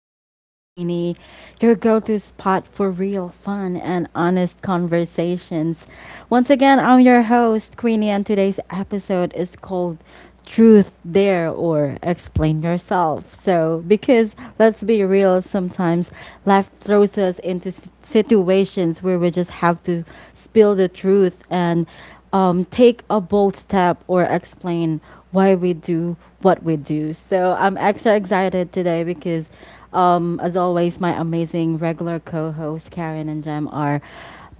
Talks with Queenie, your go to spot for real fun and honest conversations. Once again, I'm your host, Queenie, and today's episode is called Truth Dare or Explain Yourself. Because let's be real, sometimes life throws us into situations where we just have to spill the truth and take a bold step or explain why we do what we do. So I'm extra excited today because, as always, my amazing regular co hosts, Karen and Jem, are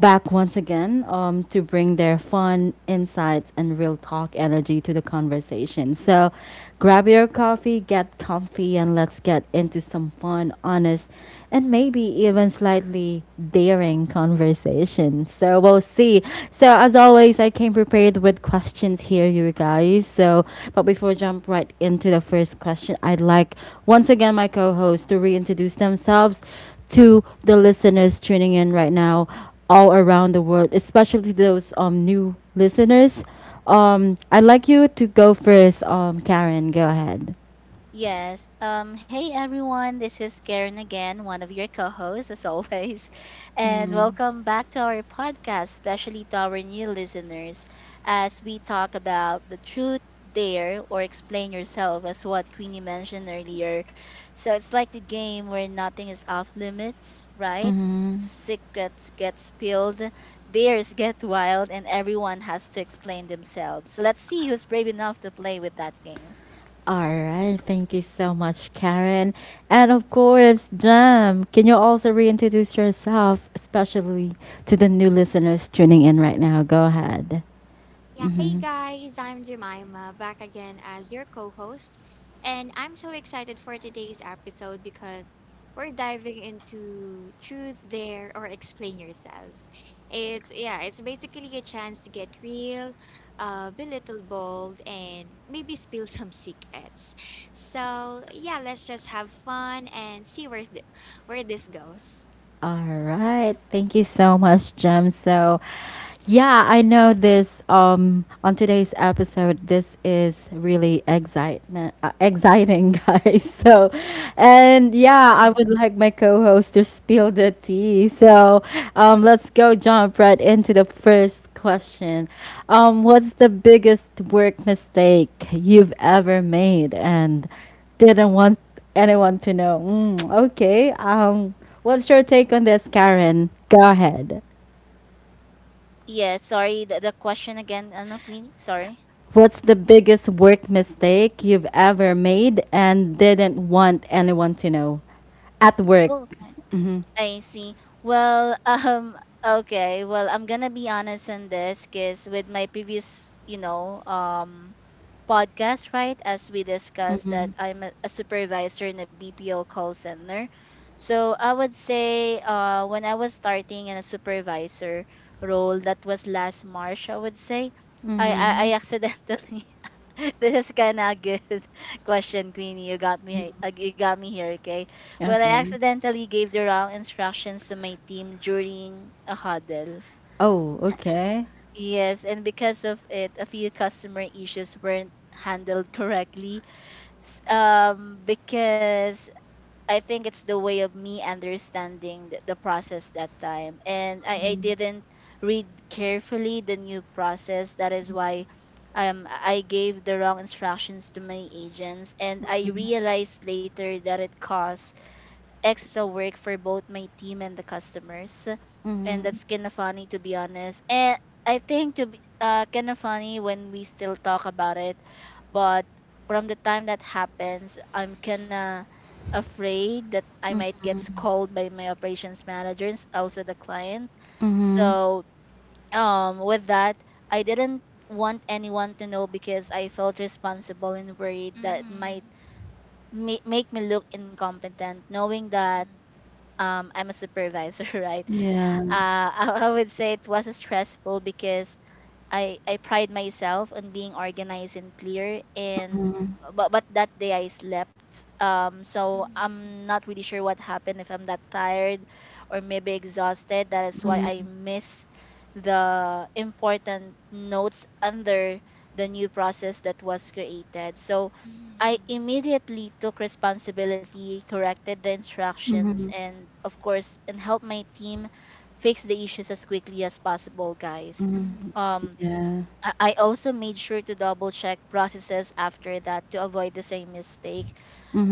back once again to bring their fun insights and real talk energy to the conversation. So grab your coffee, get comfy, and let's get into some fun, honest, and maybe even slightly daring conversation. So we'll see. So as always, I came prepared with questions here, you guys. But before I jump right into the first question, I'd like once again my co-hosts to reintroduce themselves to the listeners tuning in right now all around the world, especially those new listeners. I'd like you to go first. Karen, go ahead. Yes. Hey everyone, this is Karen again, one of your co hosts, as always. And welcome back to our podcast, especially to our new listeners, as we talk about the truth, dare, or explain yourself, as what Queenie mentioned earlier. So it's like the game where nothing is off limits, right? Secrets get spilled, dares get wild, and everyone has to explain themselves. So let's see who's brave enough to play with that game. All right, thank you so much, Karen. And of course, Jam, can you also reintroduce yourself, especially to the new listeners tuning in right now? Go ahead. Yeah, Mm-hmm. hey guys, I'm Jemima, back again as your co host. And I'm so excited for today's episode because we're diving into Truth, Dare, or Explain Yourself. It's basically a chance to get real, be little bold, and maybe spill some secrets. So, yeah, let's just have fun and see where this goes. All right. Thank you so much, Jem. So, yeah, I know this on today's episode this is really excitement exciting, guys. So, and yeah, I would like my co-host to spill the tea. So, let's go jump right into the first question. What's the biggest work mistake you've ever made and didn't want and I want to know. Mm, okay. What's your take on this, Karen? Go ahead. Yeah, sorry, the question again, ano, Queenie? Sorry. What's the biggest work mistake you've ever made and didn't want anyone to know at work? Oh, okay. I see. Well, okay. Well, I'm gonna be honest in this, cause with my previous, podcast, right? As we discussed Mm-hmm. that I'm a supervisor in a BPO call center. So I would say when I was starting in a supervisor role, that was last March, I would say. I, I, Mm-hmm. I accidentally, this is kind of a good question, Queenie. You got me here, okay? Well, I Okay. accidentally gave the wrong instructions to my team during a huddle. Oh, okay. Yes, and because of it, a few customer issues weren't handled correctly, because I think it's the way of me understanding the process that time, and I didn't read carefully the new process. That is why I gave the wrong instructions to my agents, and I realized later that it caused extra work for both my team and the customers. And Mm-hmm. that's kind of funny, to be honest. And I think to be kind of funny when we still talk about it, but from the time that happens, I'm kind of afraid that I might get scolded by my operations managers, also the client. So with that, I didn't want anyone to know, because I felt responsible and worried that it might Mm-hmm. Make me look incompetent, knowing that I'm a supervisor, right? Yeah. Yeah. I would say it was stressful, because I pride myself on being organized and clear, and but that day I slept. So Mhm. I'm not really sure what happened, if I'm that tired or maybe exhausted. That is why I Mm-hmm. miss the important notes under the new process that was created. So I Mm-hmm. immediately took responsibility, corrected the instructions, and of course and helped my team fix the issues as quickly as possible, guys. Mm-hmm. Um Yeah. I also made sure to double check processes after that to avoid the same mistake.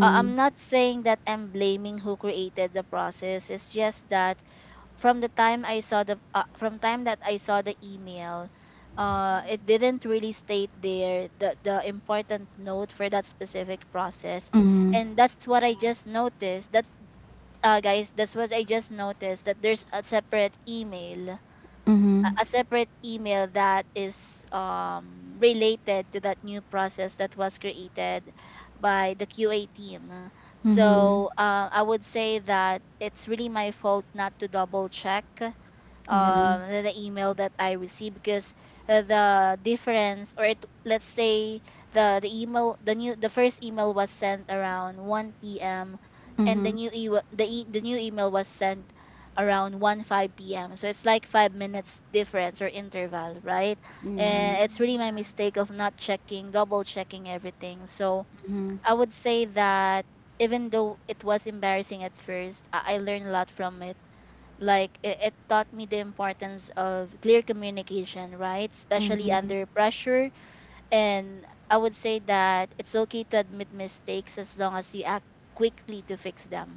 I'm not saying that I'm blaming who created the process. It's just that from the time I saw the from time that I saw the email. It Mm-hmm. didn't really state there the important note for that specific process, Mm-hmm. and that's what I Yeah. just noticed. That's Guys, that's what I just noticed, that there's a separate email, Mm-hmm. a separate email that is related to that new process that was created by the QA team. Mm-hmm. So I would say that it's really my fault not to double check Yeah. The email that I received, because the difference, or it, let's say, the first email was sent around 1 p.m. and the Mm-hmm. new e- the new email was sent around 1 5 p.m. So it's like 5 minutes difference or interval, right? Yeah. And it's really Mhm. my Yeah. mistake of not checking double checking everything. So I would say that, even though it was embarrassing at first, I learned a lot from it. Like it taught me the importance of clear communication, right? Especially Mm-hmm. under pressure. And I would say that it's okay to admit mistakes as long as you act quickly to fix them.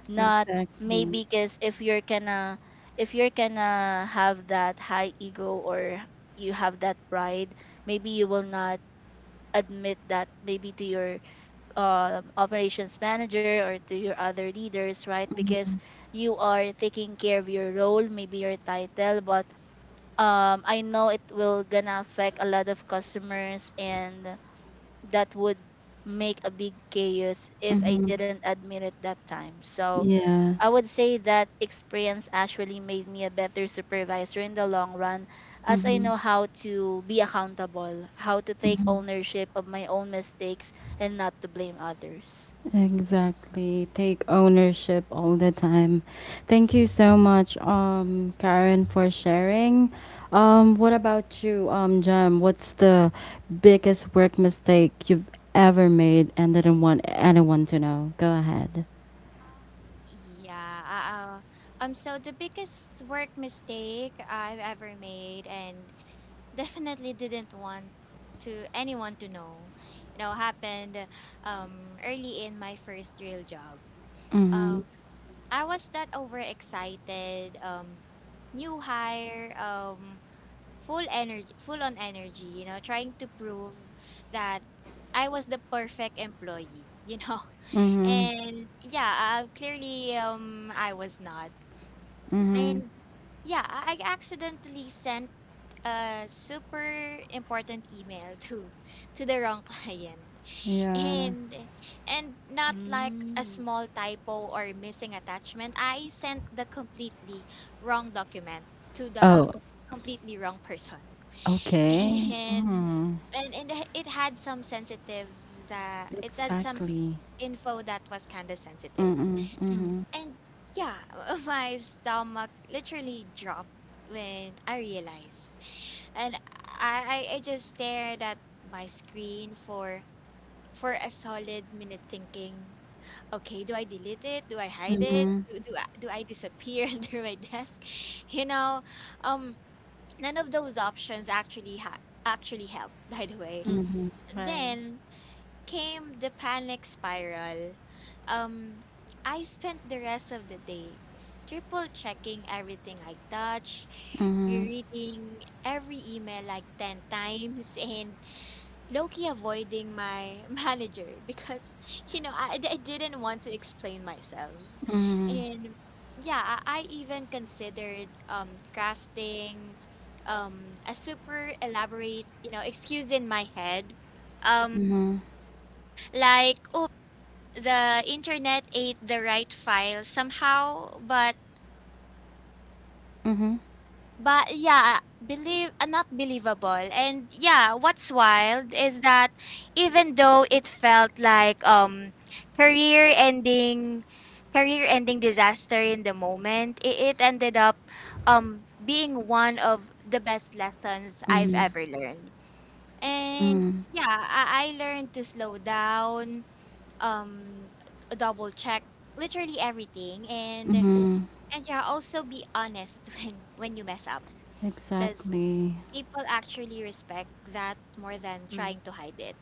Not Exactly. maybe, because if you're gonna have that high ego, or you have that pride, maybe you will not admit that, maybe to your operations manager or to your other leaders, right? Because you are taking care of your role, maybe your title, but I know it will gonna affect a lot of customers, and that would make a big chaos if I Mm-hmm. didn't admit it that time. So Yeah. I would say that experience actually made me a better supervisor in the long run, as I Mm-hmm. know how to be accountable, how to take ownership of my own mistakes, and not to blame others. Exactly. Take ownership all the time. Thank you so much, Karen, for sharing. What about you, Jem? What's the biggest work mistake you've ever made and didn't want anyone to know? Go ahead. Um, yeah. Uh, so the biggest work mistake I've ever made and definitely didn't want to anyone to know, you know, happened early in my first real job. Mm-hmm. Um, I was that overexcited, new hire, full on energy, you know, trying to prove that I was the perfect employee, you know. Mm-hmm. And yeah, clearly I was not. Mm-hmm. And yeah, I accidentally sent a super important email to the wrong client. Yeah. And and not like a Mm, small typo or missing attachment. I sent the completely wrong document to the Oh, completely wrong person. okay. And Mm-hmm. and and it it had some Exactly. info that was kind of sensitive, Mm-hmm. mm, Mm-hmm. and yeah, my stomach literally dropped when I realized. And I just stared at my screen for a solid minute thinking, okay, do I delete it? Do I hide it? Mm-hmm. Do do I, do I disappear under my desk? You know, um none of those options actually ha actually helped, by the way. mm, Mm-hmm. right. Then came the panic spiral. Um, I spent the rest of the day triple checking everything I touch, Mm-hmm. reading every email like 10 times, and Loki avoiding my manager because, you know, I didn't want to explain myself. Mm-hmm. And yeah, I even considered crafting a super elaborate, you know, excuse in my head. Um, Mm-hmm. like, oh, the internet ate the right file somehow, but yeah, believe not believable. And yeah, what's wild is that even though it felt like career ending career ending disaster in the moment, it ended up being one of the best lessons I've Mm-hmm. ever learned. And Mm, yeah, I learned to slow down, double check literally everything, and mhm, yeah, also be honest when you mess up, because exactly. people actually respect that more than trying Mm, to hide it.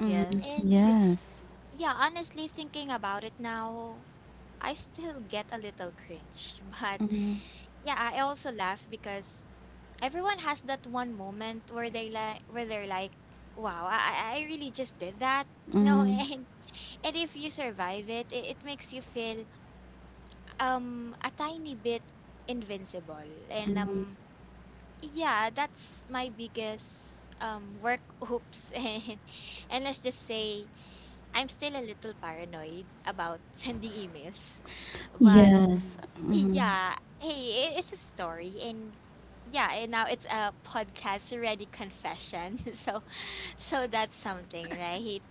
Mhm, yes. And yes. yeah, honestly thinking about it now, I still get a little cringe, but Mhm, yeah, I also laugh because everyone has that one moment where they like where they're like, wow, I really just did that, you know. mhm, And if you survive it, it makes you feel a tiny bit invincible. And yeah, that's my biggest work oops. And let's just say I'm still a little paranoid about sending emails. But yes. Mm, Mhm, yeah, hey, it's a story, and yeah, and now it's a podcast ready confession. So that's something, right?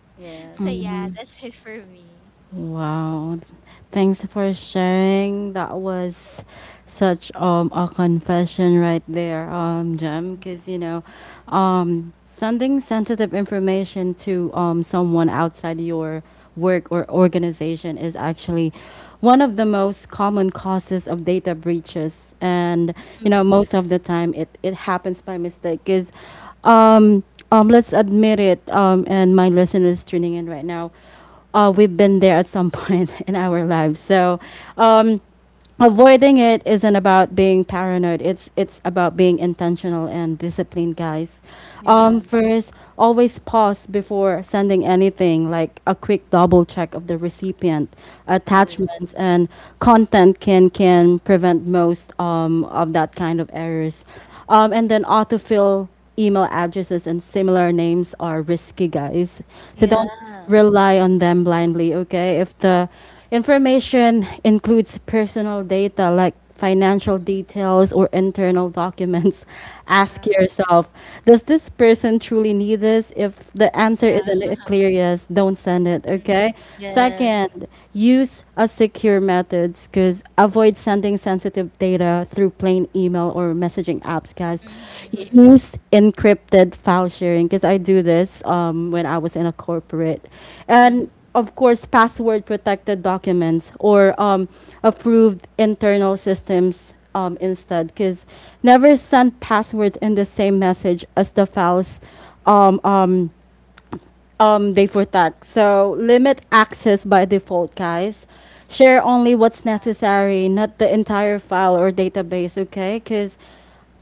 So yes. yeah, mhm. that's it for me. Wow. Thanks for sharing. That was such a confession right there, Jem, Mm, because sending sensitive information to someone outside your work or organization is actually one of the most common causes of data breaches, and you know mm, most of the time it happens by mistake because um let's admit it, and my listeners tuning in right now, we've been there at some point in our lives. So um, avoiding it isn't about being paranoid. It's about being intentional and disciplined, guys. Yeah. First, always pause before sending anything, like a quick double check of the recipient Yeah. attachments and content can prevent most of that kind of errors. And then autofill email addresses and similar names are risky, guys. So don't Yeah. rely on them blindly, okay? If the information includes personal data like financial Mm. details or internal documents, ask Yeah. yourself, does this person truly need this? If the answer is Yeah. a clear yes, don't send it, okay? Yes. Second, use a secure methods because avoid sending sensitive data through plain email or messaging apps, guys. Mm-hmm. Mm, Use encrypted file sharing because I do this when I was in a corporate. mm, And of course, password protected documents or approved internal systems instead. Because never send passwords in the same message as the files um, um, they protect. So limit access by default, guys. Share only what's necessary, not the entire file or database, okay? Because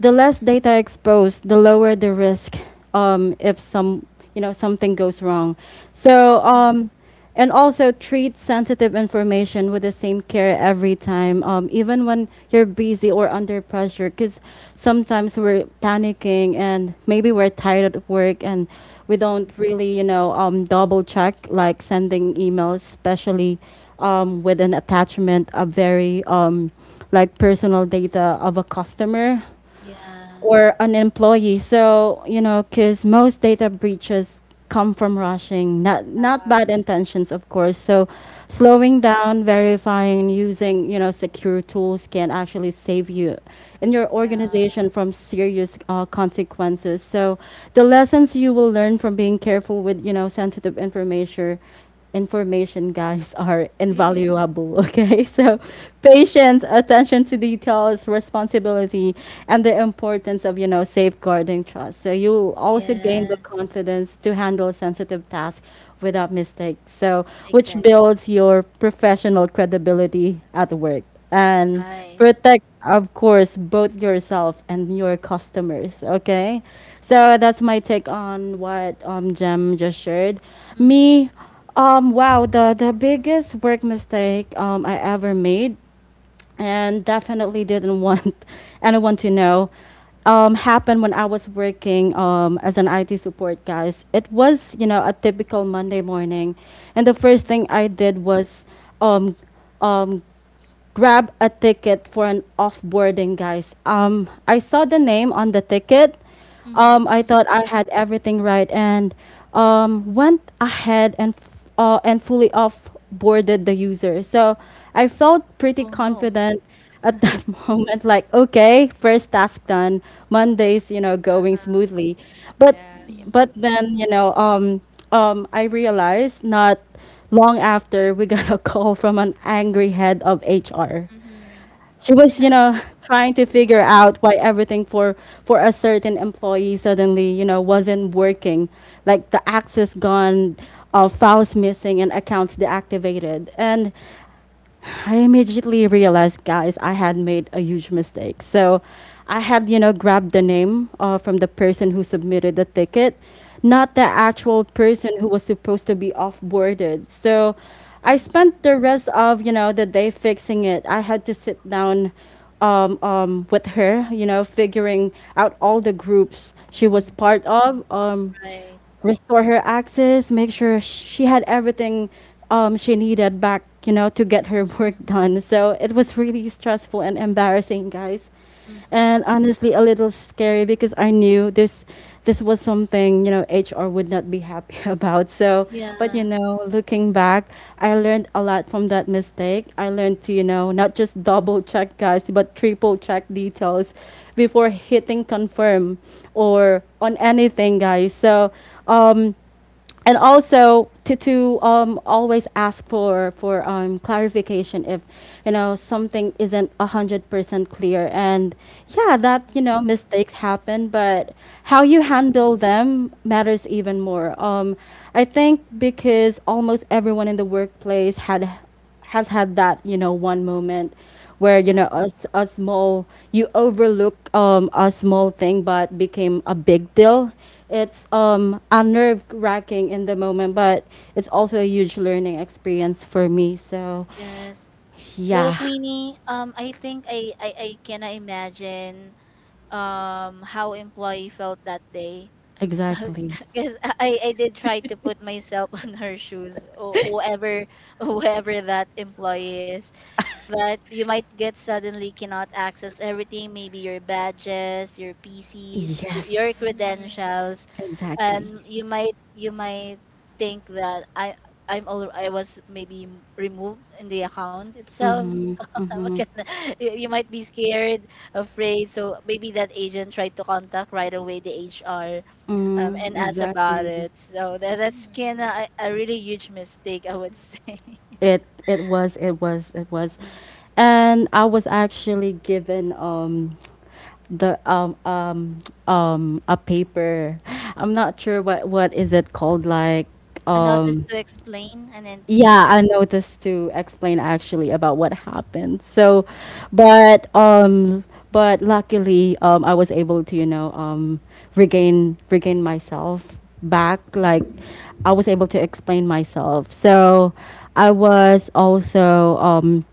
the less data exposed, the lower the risk if some you know something goes wrong. So mm, and also treat sensitive information with the same care every time, even when you're busy or under pressure. Because sometimes we're panicking and maybe we're tired at work, and we don't mm, really double check like sending emails, especially with an attachment of very like personal data of a customer yeah. or an employee. So, you know, because most data breaches come from rushing, not Yeah. bad intentions, of course. So, slowing Mhm. down, verifying, using, you know, secure tools can actually save you and your Yeah. organization from serious consequences. So, the lessons you will learn from being careful with, you know, sensitive information information guys are Mhm. invaluable. Okay, so patience, attention to details, responsibility, and the importance of, you know, safeguarding trust. So you will also gain the Yes. confidence to handle sensitive tasks without mistakes, so which Exactly. builds your professional credibility at work and Right. protect of course both yourself and your customers, okay? So that's my take on what Jem just shared Mm, me. Wow, the biggest work mistake I ever made, and definitely didn't want anyone to know, happened when I was working as an IT support, guys. It was, you know, a typical Monday morning, and the Mhm. first thing I did was um, um, grab a ticket for an offboarding, guys. I saw the name on the ticket. mm. I Mhm. thought I had everything right and went ahead and fully offboarded the user. So I felt pretty Oh no. confident at that moment. Like, okay, first task done. Monday's you know going smoothly, but Yeah. Mm, but then you know I realized not long after we got a call from an angry head of HR. Mhm. She was you Yeah. know trying to figure no. out why everything for a certain employee suddenly you know wasn't working, like the access gone, files missing and accounts deactivated, and I immediately realized, guys, I had made a huge mistake. So I had, you know, grabbed the name from the person who submitted the ticket, not the actual person who was supposed to be off boarded. So I Mm, spent the rest of, you know, the day fixing it. I had to sit down with her, you know, figuring out all the groups she was mm, part of. Right. Restore her access, make sure she had everything she needed back, you know, to get her work done. So it was really stressful and embarrassing, guys. Mm, And honestly, a little scary because I knew this was something you know HR would not be happy about. So, but you yeah. know, looking back, I learned a lot from that mistake. I learned to, you know, not just double check guys, but triple check details before hitting confirm or on anything, guys. So, um, and also to always ask for clarification if you know something isn't 100% clear. And yeah, that you know Mhm. mistakes happen, but how you Yeah. handle them matters even more. I think because almost everyone in the workplace had has had that you know one moment where you Yeah, know a small, you overlook a small thing but became a big deal. It's unnerve wracking in the moment, but it's also a huge learning experience for me. So yes. Well, yeah, Queenie, I think I can imagine how employee felt that day. exactly, Because I did try to put myself on her shoes, or whoever whoever that employee is. That you might get suddenly cannot access everything, maybe your badges, your PCs, your yes, Mhm. credentials, exactly, and you might think that I I'm all I was maybe removed in the account itself. So okay, you might be scared, afraid. So maybe that agent tried to contact right away the HR, and mm, ask about exactly. it. So that's kind Mhm. of a really huge mistake, I would say. It it was, Mm. and I was actually given the a paper. I'm not sure what is it called, like A notice um to explain, an yeah, NTE. I noticed to explain actually about what happened. So, but um, but luckily, I was able to you know regain myself back. Like, Mhm. I was able to explain myself. So, I was also um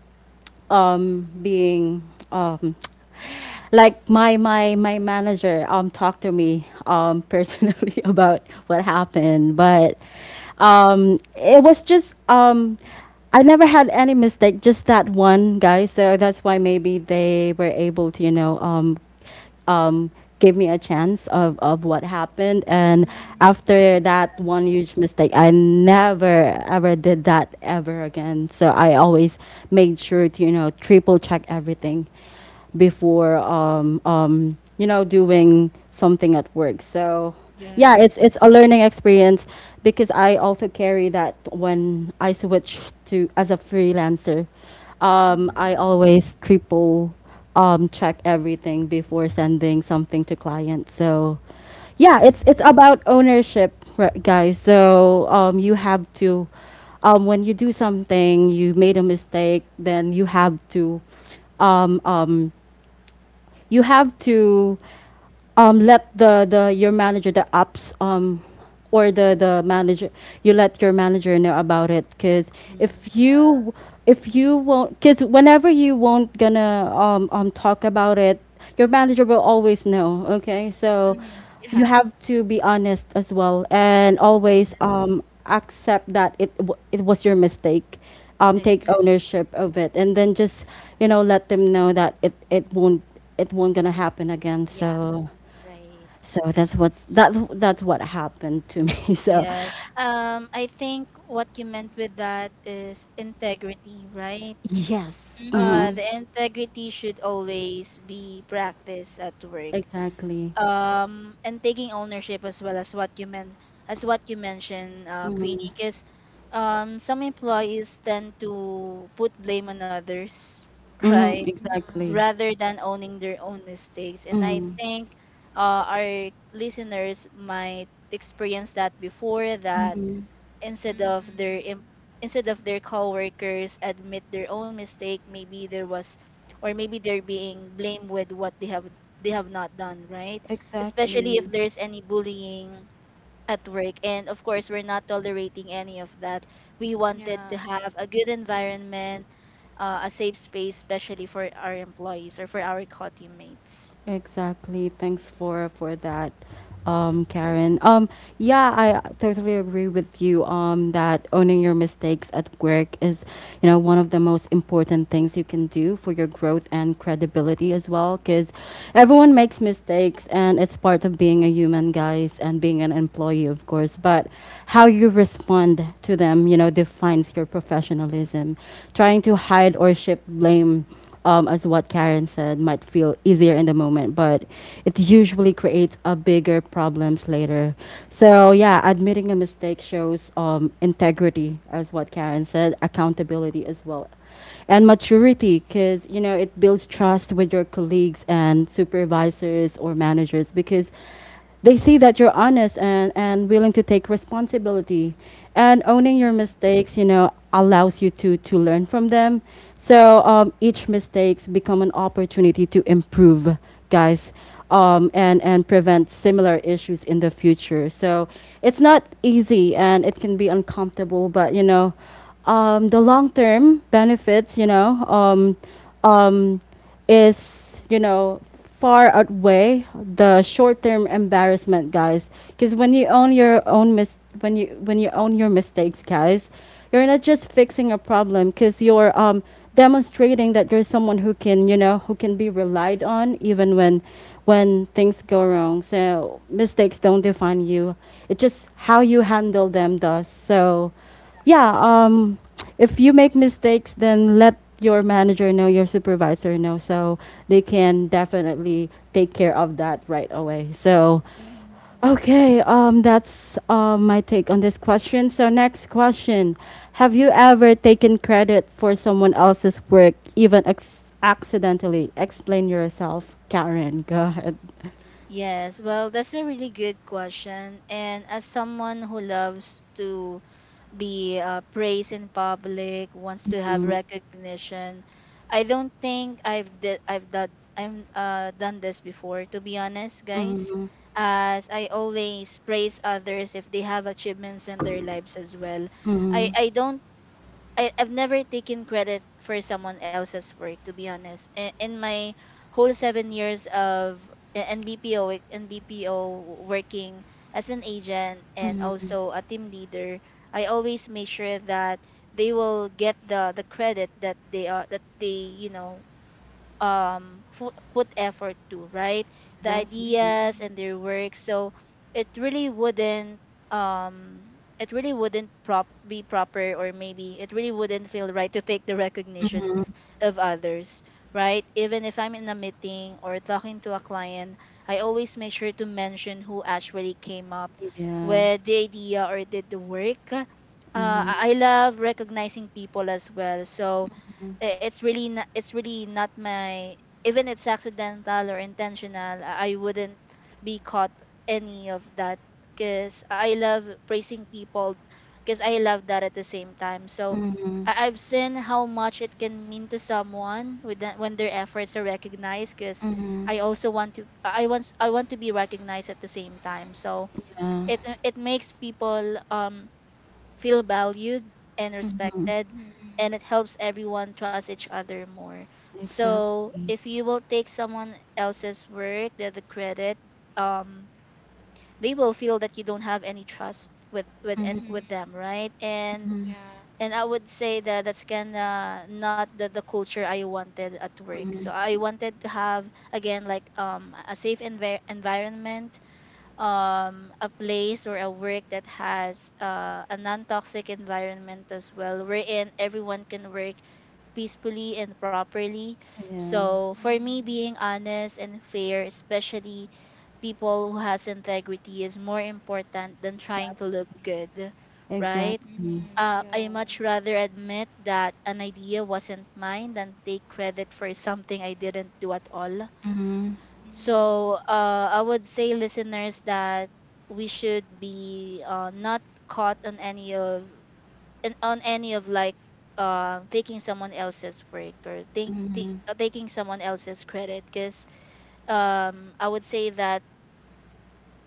um, being um, like my manager talked to me personally about what happened, but it was just I never had any mistake just that one guy, so that's why maybe they were able to you know um, gave me a chance of what happened. And Mhm. after that one Uh, huge mistake, I never ever did that ever again. So I always made sure to, you know, triple check everything before, you know, doing something at work. So yeah, Yes. It's a learning experience because I also carry that when I switch to as a freelancer. I Mhm. always triple check everything before sending something to clients. So, yeah, Mhm. it's about ownership, guys. So you have to, when you do something, you made a mistake, then um, um, you have to let the your manager, the ops, or Mhm. the manager, you let your manager know about it. Because Mm. if Yeah. you, if you won't, because whenever you won't gonna talk about it, your manager will always know. Okay, so Mhm. Yeah. you have to be honest as well, and always Yeah, accept that it was your mistake, take Mhm. exactly. ownership of it, and then just, you know, let them know that it won't, it won't gonna happen again. Yeah. So, Right. so that's what happened to me. So Yes. I think what you meant with that is integrity, right? yes, Mhm. mm-hmm. The integrity should always be practiced at work. Exactly. And taking ownership as well, as what you mentioned, Mm-hmm. Queenie, because some employees tend to put blame on others, right, Mm-hmm. Mhm. Exactly. Mhm. rather than owning their own mistakes. And I Mm-hmm. think our listeners might experience that before, that Mm-hmm. instead of their instead of their coworkers admit their own mistake, maybe there was, or maybe they're being blamed with what they have not done, right? Especially if Exactly. there's any bullying at work, and of course we're not tolerating any of that. We Yeah. wanted to have a good environment, a safe space, especially for our employees or for our co-teammates. Exactly. Thanks for that, Mm. Karen. Yeah, I totally agree with you. That owning your mistakes at work is, you know, one of the most important things you can do for your growth and credibility as well. Because everyone makes mistakes, and it's part of being a human, guys, and being an employee, of course. But how you respond to them, you know, defines your professionalism. Trying to hide or shift blame, as what Karen said, might feel easier in the moment, but it usually creates a bigger problems later. So yeah, admitting a mistake shows integrity, as what Karen said, accountability as well, and maturity, because you know it builds trust with your colleagues and supervisors or managers, because they see that you're honest, and willing to take responsibility. And owning your Mhm. mistakes, you know, allows you to learn from them. So each mistakes become an opportunity to improve, guys, and prevent similar issues in the future. So it's not easy and it can be uncomfortable, but, you know, the long term benefits, you know, um, is you know far outweigh the short-term embarrassment, guys. Because Yeah. When you, when you own your mistakes, guys, you're not just fixing a problem. Because you're demonstrating that you're someone who can, you know, who can be relied on even when things go wrong. So mistakes don't define you. It's just how you handle them does. So yeah, Right. If you make mistakes, then let your manager know, your supervisor know, so they can definitely take care of that right away. So, Mhm. okay, that's my take on this question. So, next question. Have you ever taken credit for someone else's work, even accidentally? Explain yourself, Karen. Go ahead. Yes, well, that's a really good question. And as someone who loves to be praised in public, wants to have recognition, I don't think I've done I'm done this before. To be honest, guys, Mm-hmm. as I always praise others if they have achievements in their lives as well. I Mm-hmm. I don't I've never taken credit for someone else's work, to be honest. In my whole 7 years of NBPO NBPO working as an agent and also a team leader, I always make sure that they will get the credit that they put effort to, right? The Exactly. ideas Mhm. and their work. So it really wouldn't, um it really wouldn't prop be proper, or maybe it really wouldn't feel right to take the recognition of others, right? Even if I'm in a meeting or talking to a client, I always make sure to mention who actually came up Yeah. with the idea or did the work. uh, Mm-hmm. i I love recognizing people as well. So it's really not my, even it's accidental or intentional, I wouldn't be caught any of that, because I love praising people, because I love that at the same time. So Mm-hmm. I've seen how much it can mean to someone with that when their efforts are recognized, because Mm-hmm. I want to be recognized at the same time. So it makes people feel valued and Yeah. respected. Mhm. And it helps everyone trust each other more. So Exactly. if you will take someone else's work, the credit, um they will feel that you don't have any trust Mhm. Mhm, with them, right? Yeah. and I would say that that's kind of not the culture I wanted at work. So mhm. I wanted to have again, like, a safe environment, a place, or a work that has a non-toxic environment as well, wherein everyone can work peacefully and properly. Yeah. So for me, Mhm. being honest and fair, especially people who has integrity, is more important than trying to look Exactly. good, right? Exactly. Mhm. I Yeah. much rather admit that an idea wasn't mine than take credit for something I didn't do at all. Mhm, Mhm. So I would say, listeners, that we should be not caught on any of, on any of, like, taking someone else's break, or think, taking someone else's credit. Because I would say that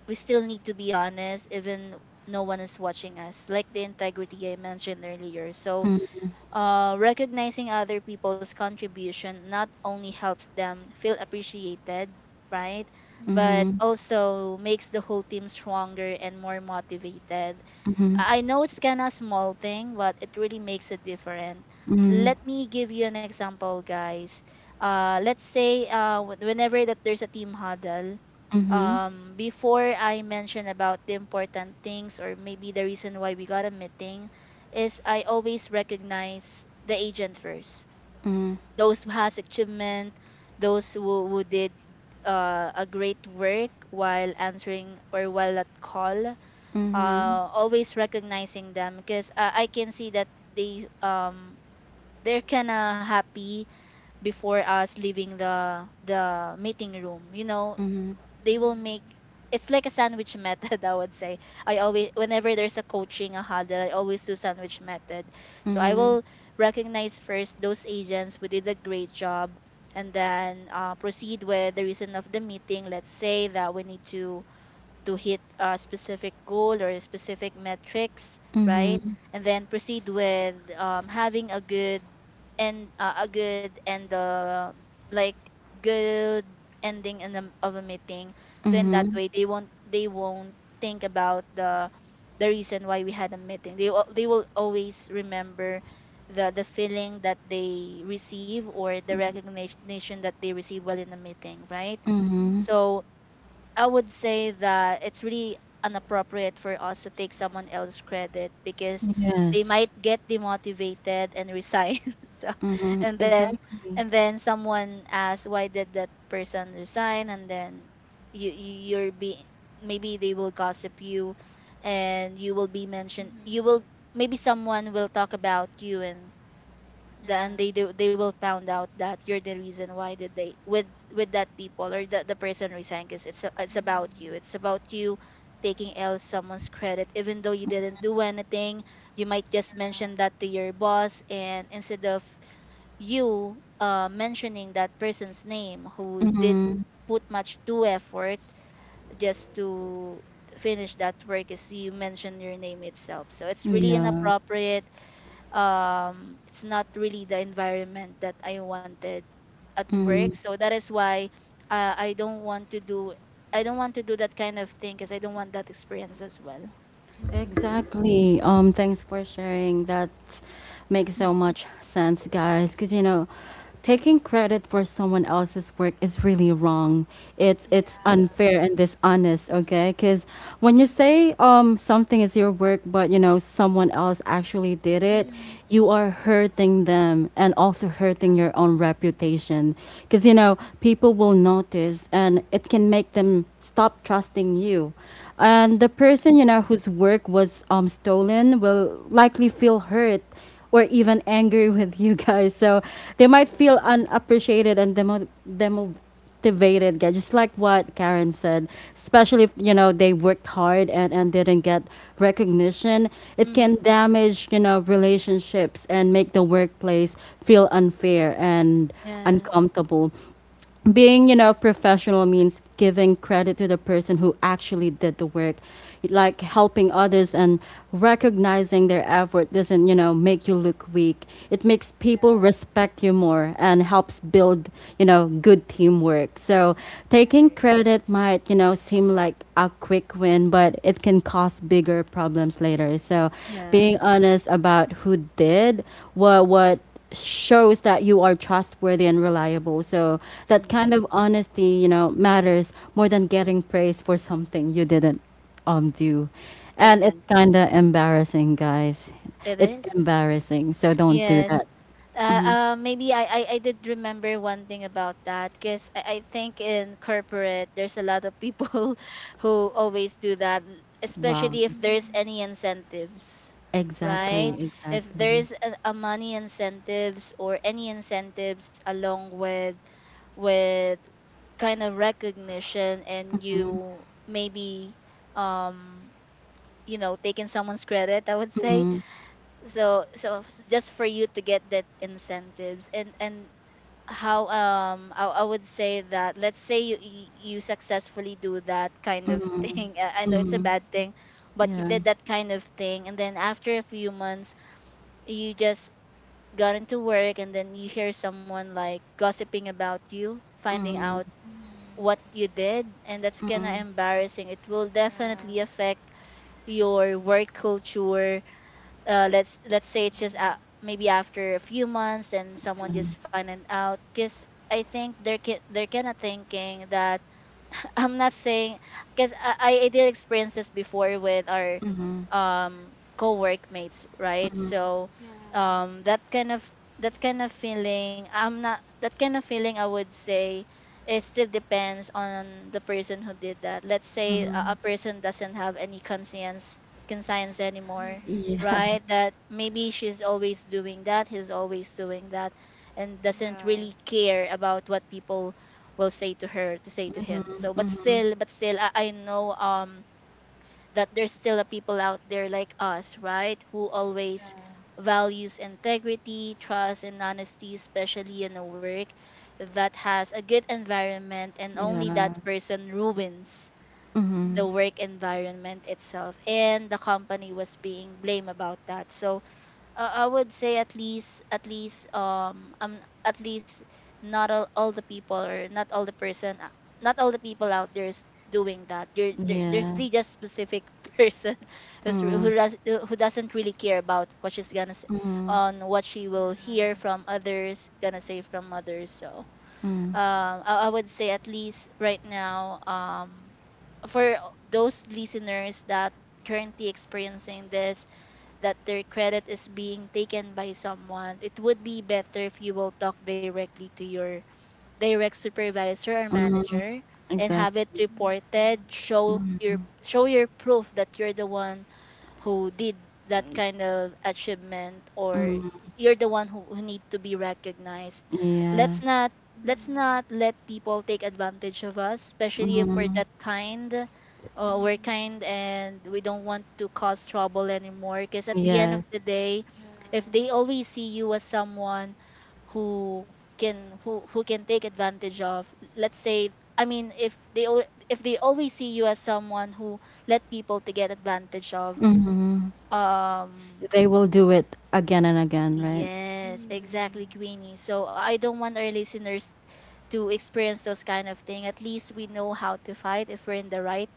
we still need to be honest, even no one is watching us, like the integrity I mentioned earlier. So recognizing other people's contribution not only helps them feel appreciated, right? Mhm. But mhm, also makes the whole team stronger and more motivated. mhm, I know it's kind of small thing, but it really makes a difference. mhm, Let me give you an example, guys. Let's say whenever that there's a team huddle, mhm, before I mention about the important things or maybe the reason why we got a meeting, is I always recognize the agent first. mhm, Those who has achievement, those who did a great work while answering or while at call, mhm, always recognizing them because I can see that they they're kind of happy before us leaving the meeting room. You know, they will make Mhm. it's like a sandwich method. I would say I always whenever there's a coaching a huddle, I always do sandwich method. So I mhm, will recognize first those agents who did a great job. And then proceed with the reason of the meeting. Let's say that we need to hit a specific goal or a specific metrics, right? And then proceed with having a good and like good ending in the, of a meeting. mhm, So in that mhm, way, they won't think about the reason why we had a meeting. They will always remember the feeling that they receive or the recognition that they receive while in the meeting, right? Mhm. mhm. So I would say that it's really inappropriate for us to take someone else's credit because they Yes. might get demotivated and resign. So Mm-hmm. and then Exactly. and then someone asks why did that person resign and then you're be maybe they will gossip you and you will be mentioned you Mhm. will maybe someone will talk about you and then Yeah. they do, they will found out that you're the reason why did they with that people or the person resigned because it's about Mhm. you it's about you taking L someone's credit even though you didn't do anything. You might just mention that to your boss, and instead of you mentioning that person's name who did Mhm. put much to effort just to finish that work is you mention your name itself, so it's really Yeah. inappropriate. It's not really the environment that I wanted at work. Mm-hmm. So that is why uh, I don't want to do I don't want to do that kind of thing because I don't want that experience as well. Mhm. Exactly. Thanks for sharing. That makes so Hmm. much sense, guys. Because you know, taking credit for someone else's work is really wrong. It's Yeah. unfair and dishonest. Okay, because when you say something is your work, but you know someone else actually did it, Mhm. you are hurting them and also Yeah. hurting Yeah. your own reputation. Because you know people will notice, and it can make them stop trusting you, and the Mhm. person, you know, whose work was stolen will likely feel hurt or even angry with you, guys. So they might Yeah. feel unappreciated and demotivated, guys, just like what Karen said, especially if you know they worked hard, and didn't get recognition. It can Hmm. damage, you know, relationships and make the workplace feel unfair and Yes. uncomfortable. Being, you know, professional means giving credit to the person who actually did the work, like helping others and recognizing their effort doesn't, you know, make you look weak. It makes people Yeah. respect you more and helps build, you know, good teamwork. So taking Right. credit might, you know, seem like a quick win, but it can cause bigger problems later. So being Yes. honest about who did what shows that you are trustworthy and reliable. So that Mm, kind of honesty, you know, matters more than getting praise for something you didn't do. And it's exactly. kind of embarrassing, guys. It It's is. embarrassing. So don't do Yes. that. Maybe I did remember one thing about that because I think in corporate there's a lot of people who always do that, Wow. especially if there's any Mhm. incentives, right? Yeah. Exactly, If exactly. there's a money incentives or any incentives along with with kind of recognition and you maybe um you know taking someone's credit, I would say. Just for you to get that incentives, and how I would say that let's say you successfully do that kind of thing. I know it's a bad thing, but you Yeah. did that kind of thing and then after a few months you just got into work and then you hear someone like gossiping about you, finding out Mhm. what you did, and that's kind of embarrassing. It will Yeah. definitely affect your work culture. Let's say it's just Mhm. maybe after a few months then someone just find it out. Because I think they're kind of thinking that, I'm not saying, because I did experience this before with our co-workmates, right? So Yeah. um that kind of that kind of feeling, I'm not that kind of feeling, I would say it still depends on the person who did that. Let's say a person doesn't have any conscience anymore, Mhm. Yeah. right? That maybe she's always doing that, he's always doing that and doesn't Yeah. really care about what people will say to her to say to him. So but still I know that there's still a people out there like us, right, who always Yeah. values integrity, trust and honesty, especially in a work that has a good environment, and only Yeah. that person ruins Mhm. the Mhm. work environment itself, and the company was being blamed about that. So I would say at least not all, all the people, or not all the person not all the people out there is doing that. There's Yeah. really just specific person Mm. who does who doesn't really care about what she's gonna say on what she will hear from others gonna say from others. So Mm. I would say at least right now, for those listeners that currently experiencing this, that their credit is being taken by someone, it would be better if you will talk directly to your direct supervisor or manager and have it Exactly. Mhm. reported. Show your proof that you're the one who did that kind of achievement, or you're the one who need to be recognized. let's Yeah. not let's not Mhm. let people take advantage of us, especially if we're Mhm. that kind. We're Mhm. kind and we don't want to cause trouble anymore. Because at the end of the Yes. day, if Yeah. they always see you as someone who can take advantage of, let's say, I mean, if they always see you as someone who let people to get advantage of, Mhm. um, They will do it again and again, right? yes, exactly, Mhm. Queenie. So I don't want our listeners to experience those kind of thing. At least we know how to fight if we're in the right,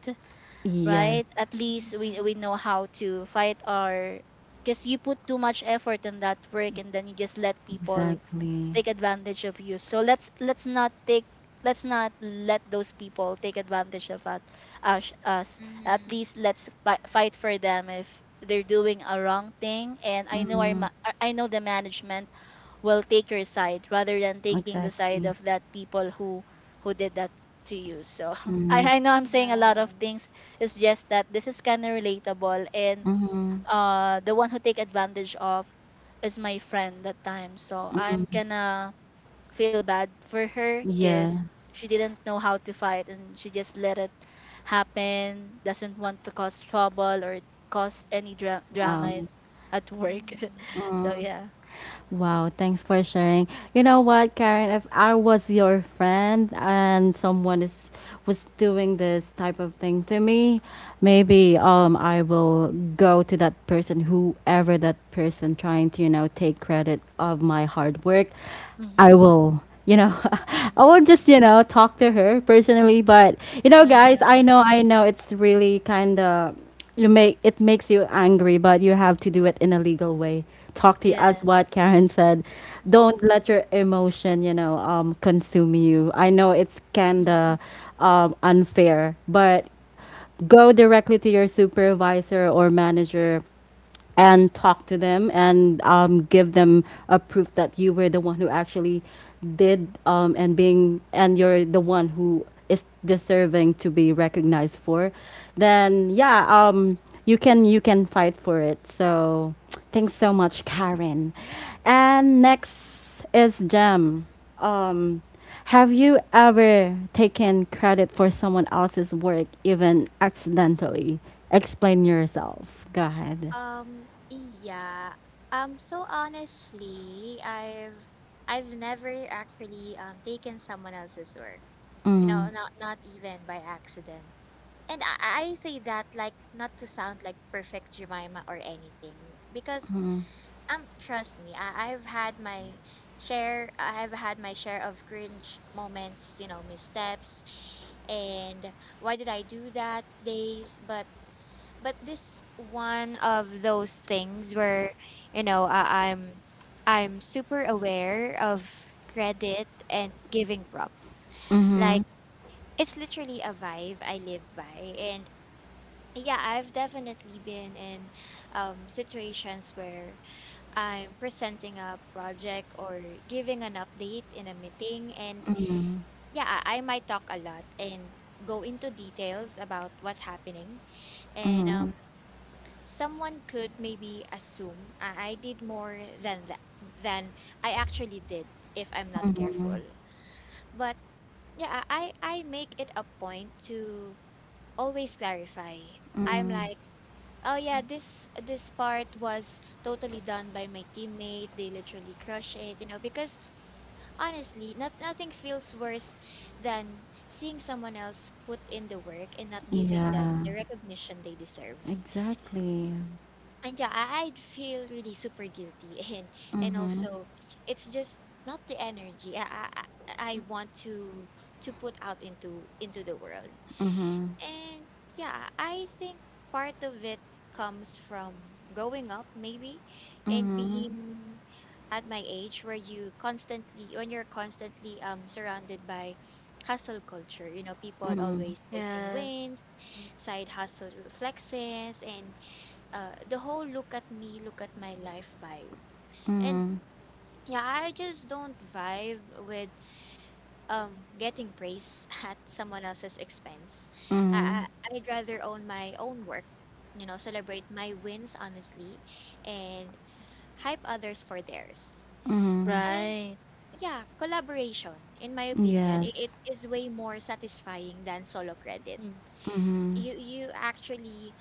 right? Yes, At least we Mhm. know how to fight our, because you put too much effort in that work and then you just let people exactly, take advantage of you. So let's not let those people take advantage of us. Us, us. At Mhm. least fight for them if they're doing a wrong thing. And I know I know the management will take your side rather than taking the side of exactly. that people who did that to you. So I know I'm saying a lot of Yeah. things. It's just that this is kind of relatable, and Mhm. The one who take advantage of is my friend that time. So I'm gonna feel bad for her because Yeah, she didn't know how to fight and she just let it happen, doesn't want to cause trouble or cause any wow. drama at work. Mhm. So, Mm. yeah. Wow, thanks for sharing. You know what, Karen, if I was your friend and someone is, was doing this type of thing to me, maybe I will go to that person, whoever that person trying to, you know, take credit of my hard work. I Mm-hmm. will, you know, I will Mhm. just, you know, talk to her personally. But you know, guys, Yeah. I know, I know it's really kind of, you make, it makes you angry, but you have to do it in a legal way. Talk to you, as what Yes. Karen said, Mm, don't Mhm. let your emotion, you know, consume you. I know it's mm, kinda unfair, but go directly to your supervisor or manager, and talk to them, and give them a proof that you were the one who actually did, and being, and you're the one who is deserving to be recognized for. Then yeah, you can, you can fight for it. So thanks so much, Karen. And next is Jem. um, have you ever taken credit for someone else's work, even accidentally? Explain yourself, go ahead. Um, yeah. So honestly, I've never actually taken someone else's work. You know, not even by accident. And I say that, like, not to sound like perfect Jemima or anything, because trust me, I've had my share of cringe moments, you know, missteps and why did I do that days, but this one of those things where you know I'm super aware of credit and giving props, mm, like, it's literally a vibe I lived by. And yeah, I've definitely been in situations where I'm presenting a project or giving an update in a meeting, and yeah, I might talk a lot and go into details about what's happening. And someone could maybe assume I did more than I actually did, if I'm not careful. But yeah, I make it a point to always clarify. I'm like, oh yeah, mm, this part was totally done by my teammate. They literally crush it, you know. Because honestly, nothing feels worse than seeing someone else put in the work and not giving them Yeah, the recognition they deserve. exactly. And yeah, I'd feel really super guilty and also it's just not the energy I mm, want to put out into the world. And yeah, I think part of it comes from growing up maybe and mm. being at my age, where you constantly when you're constantly surrounded by hustle culture, you know, people always posting Yes. wins, Mm. side hustle flexes, and the whole look at me, look at my life vibe. And yeah, I just don't vibe with getting praise at someone else's expense. I'd rather own my own work, you know, celebrate my wins honestly, and hype others for theirs. And Right. yeah, collaboration, in my opinion, it Yes. is way more satisfying than solo credit. Mm. Mhm. You actually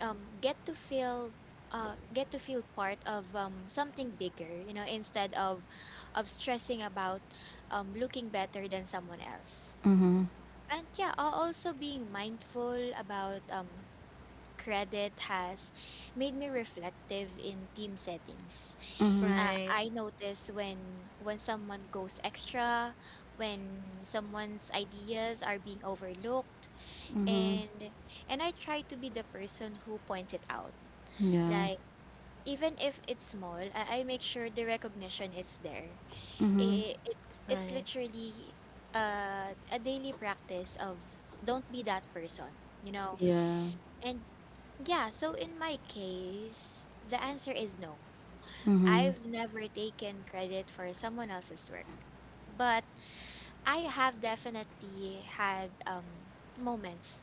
um get to feel get to feel part of something bigger, you know, instead of stressing about looking better than someone else. And yeah, also being mindful about credit has made me reflective in team settings. Mhm. Right. I notice when someone goes extra, when someone's ideas are being overlooked, Mhm. and I try to be the person who points it out. Yeah. Like, even if it's small, I make sure the recognition is there. Mhm. It's Right. literally a daily practice of don't be that person, you know. Yeah. And yeah, so in my case, the answer is no. Mhm. I've never taken credit for someone else's work, but I have definitely had moments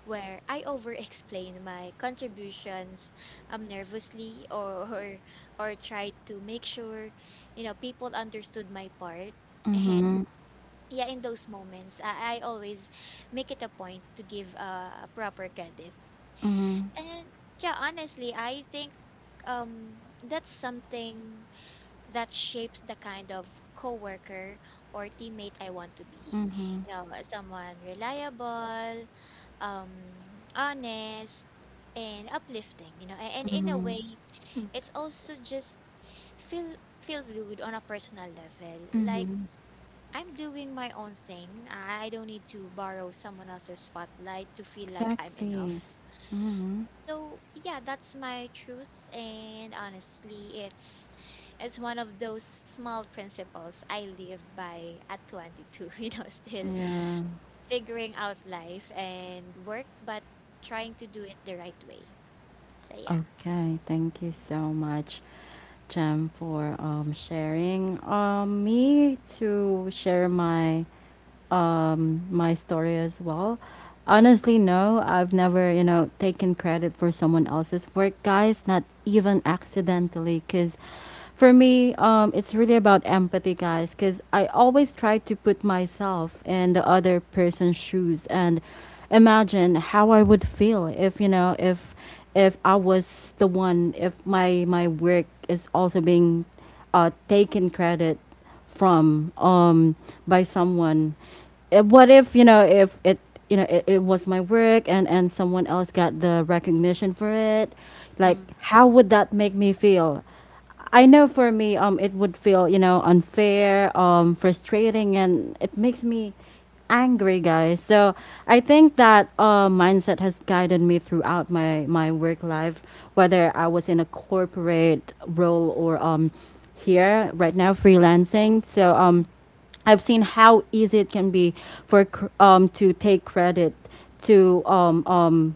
where I over explain my contributions nervously, or tried to make sure you know people understood my part. And Mhm. yeah, in those moments, I always make it a point to give a proper credit. Mhm. And yeah, honestly I think that's something that shapes the kind of coworker or teammate I want to be. Mhm. You know, someone reliable, um, honest, and uplifting. You know, and in a Mhm. way, Mm, it's also just feel feels good on a personal level. Like, Mhm. I'm doing my own thing. I don't need to borrow someone else's spotlight to feel like I'm enough. Exactly. Mhm. So yeah, that's my truth, and honestly it's one of those small principles I live by at 22, you know, still Yeah. figuring out life and work, but trying to do it the right way. So yeah. Okay. Thank you so much, Jem, for sharing. Me to share my my story as well. Honestly, no, I've never, you know, taken credit for someone else's work, guys, not even accidentally. Because for me, it's really about empathy, guys, because I always try to put myself in the other person's shoes, and imagine how I would feel if, you know, if I was the one, if my, my work is also being taken credit from, by someone. Eh, what if, you know, if it, you know, it was my work, and someone else got the recognition for it, like mm. how would that make me feel? I know for me, it would feel, you know, unfair, frustrating, and it makes me angry, guys. So I think that mindset has guided me throughout my, my work life, whether I was in a corporate role, or here right now freelancing. So I've seen how easy it can be for to take credit, to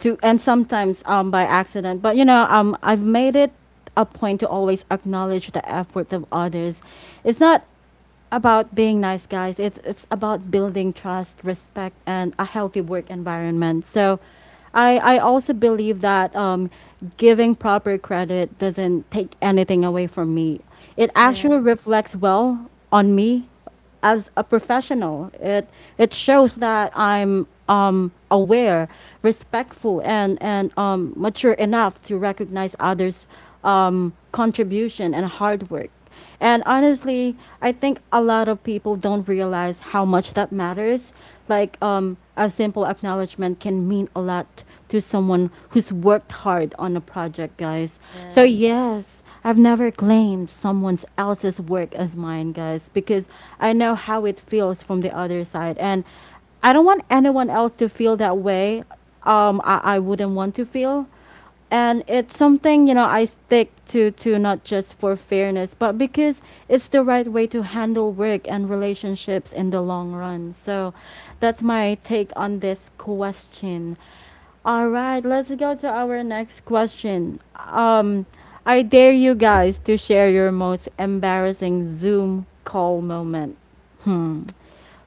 to, and sometimes by accident. But you know, I've made it a point to always acknowledge the effort of others. It's not about being nice, guys. It's about building trust, respect, and a healthy work environment. So, I also believe that, giving proper credit doesn't take anything away from me. It actually Yes. reflects well on me as a professional. It shows that I'm aware, respectful, and mature enough to recognize others' contribution and hard work. And honestly, I think a lot of people don't realize how much that matters. Like a simple acknowledgement can mean a lot to someone who's worked hard on a project, guys. So, Yes. yes, I've never claimed someone else's work as mine, guys, because I know how it feels from the other side. And I don't want anyone else to feel that way. I wouldn't want to feel. And it's something, you know, I stick to not just for fairness, but because it's the right way to handle work and relationships in the long run. So that's my take on this question. All right, let's go to our next question. I dare you guys to share your most embarrassing Zoom call moment. Hmm,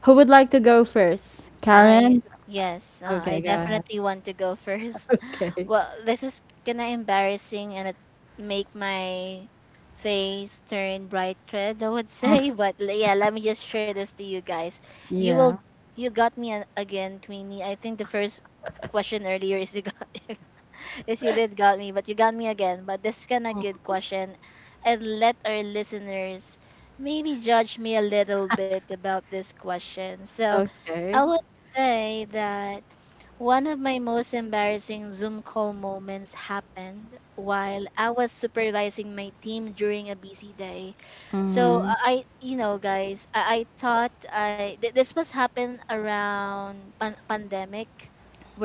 who would like to go first, I, Karen? yes, Okay, I go ahead. definitely want to go first. Okay. Well, this is kind of embarrassing and it make my face turn bright red, I would say. But yeah, let me just share this to you guys. you Mhm. will Yeah. you got me again, Queenie. I think the first question earlier is you got is you did got me, but you got me again. But this is kind of good question, and let our listeners maybe judge me a little bit about this question. So I Okay. would say that one of my most embarrassing Zoom call moments happened while I was supervising my team during a busy day. So Mhm, I, you know, guys, I thought this must happen around pandemic,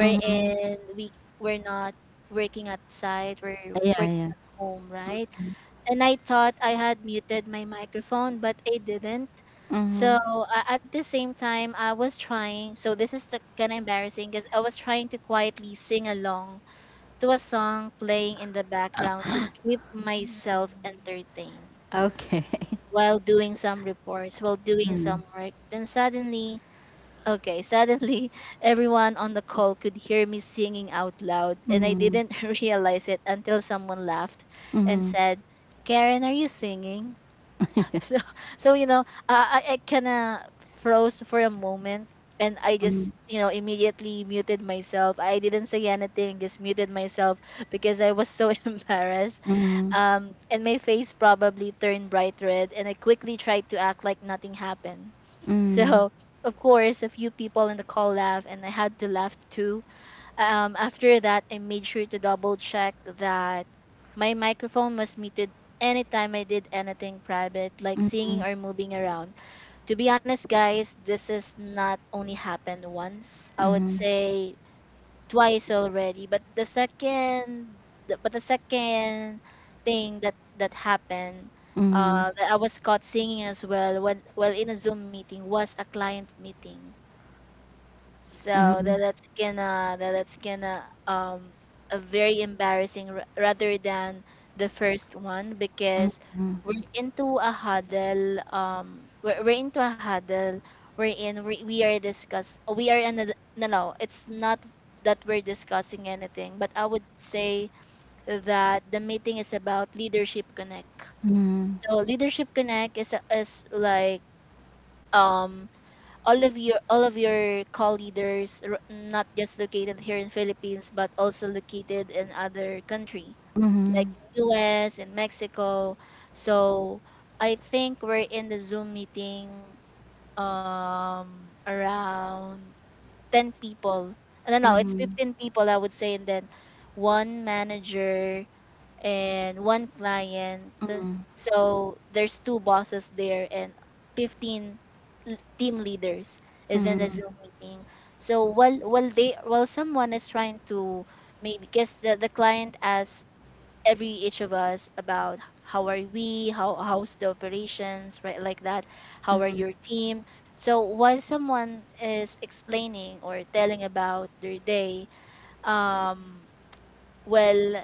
mhm. We're not working at site, we're Yeah, working yeah. at home, right? And I thought I had muted my microphone, but I didn't. Mhm. So at the same time, I was trying. So this is the kind of embarrassing, because I was trying to quietly sing along to a song playing in the background to keep myself Mhm. entertained Okay. while doing some reports, while doing some work. Then suddenly, okay, suddenly everyone on the call could hear me singing out loud, and I Mhm, didn't realize it until someone laughed and said, Karen, are you singing? So, so you know, I kind of froze for a moment, and I just mhm, you know immediately muted myself. I didn't say anything, just muted myself because I was so embarrassed. mhm, And my face probably turned bright red, and I quickly tried to act like nothing happened. mhm, So, of course, a few people in the call laughed, and I had to laugh too. After that, I made sure to double check that my microphone was muted anytime I did anything private, like singing or moving around. To be honest, guys, this has not only happened once, I would mhm, say twice already. But but the second thing that that happened, mhm, that I was caught singing as well when while in a Zoom meeting, was a client meeting. mhm, mhm, So that mhm, that's gonna that that's gonna um a very embarrassing r rather than the first one. Because we're into a huddle, we are discuss we are in a, no, no, it's not that we're discussing anything, but I would say that the meeting is about Leadership Connect. mhm, So Leadership Connect is is like um all of your call leaders, not just located here in Philippines but also located in other country like in US and Mexico. So I think we're in the Zoom meeting, around 10 people. No, no, it's mhm, 15 people I would say, and then one manager and one client. So there's two bosses there and 15 team leaders is in mhm, the mhm, Zoom meeting. So while someone is trying to maybe guess the client asks every each of us about how are we, how's the operations, right? Like that. How are mhm. your team? So while someone is explaining or telling about their day, um well uh,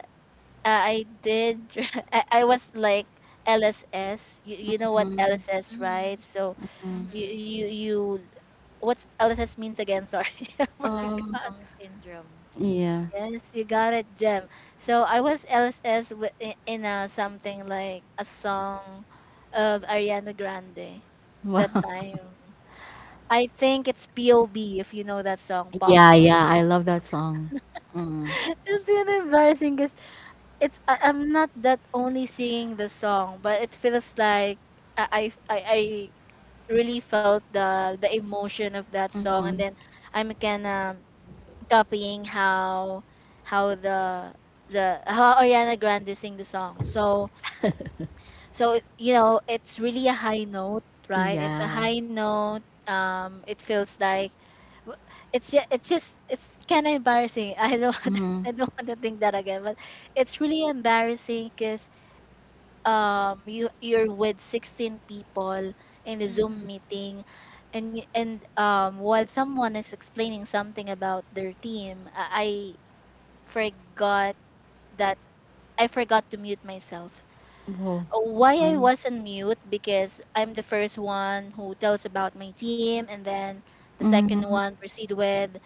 I did. I was like LSS. You you know what LSS, Mhm. right? So Mhm. you what's LSS means again? Sorry, I Last Um, forgot. song syndrome. yeah. Yes, you got it, Jem. So I was LSS with in a something like a song of Ariana Grande that Wow. Mhm. time. I think it's POB, if you know that song, P O Yeah, B. yeah. I love that song. Mhm, It's kind of embarrassing. It's I, I'm not that only singing the song, but it feels like I really felt the emotion of that song, and mhm. then I'm kinda copying how the how Ariana Grande sing the song. So so you know it's really a high note, right? It's a Yeah. high note. It feels like w- it's just, it's just it's kind of embarrassing. I don't want Mhm. I don't want to think that again, but it's really embarrassing because you you're with 16 people in the Mhm. Zoom meeting. And and while someone is explaining something about their team, I forgot that I forgot to mute myself. Whoa. Why I wasn't mute? Because I'm the first one who tells about my team, and then the second Mhm, one proceed with,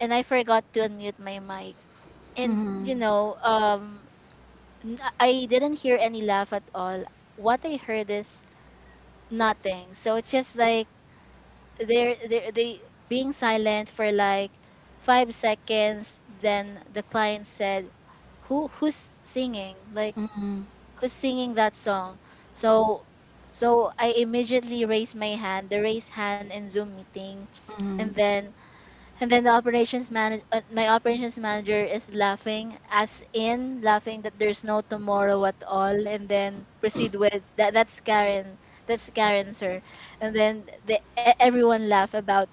and I forgot to unmute my mic. And you know, I didn't hear any laugh at all. What I heard is nothing. So it's just like they being silent for like 5 seconds. Then the client said, who's singing? Like who's singing that song?" So so I immediately raised my hand, the raise hand in Zoom meeting, and then and then the operations manager, my operations manager is laughing, as in laughing that there's no tomorrow at all. And then proceed with that. That's Karen. That's Karen, sir. And then everyone laugh about,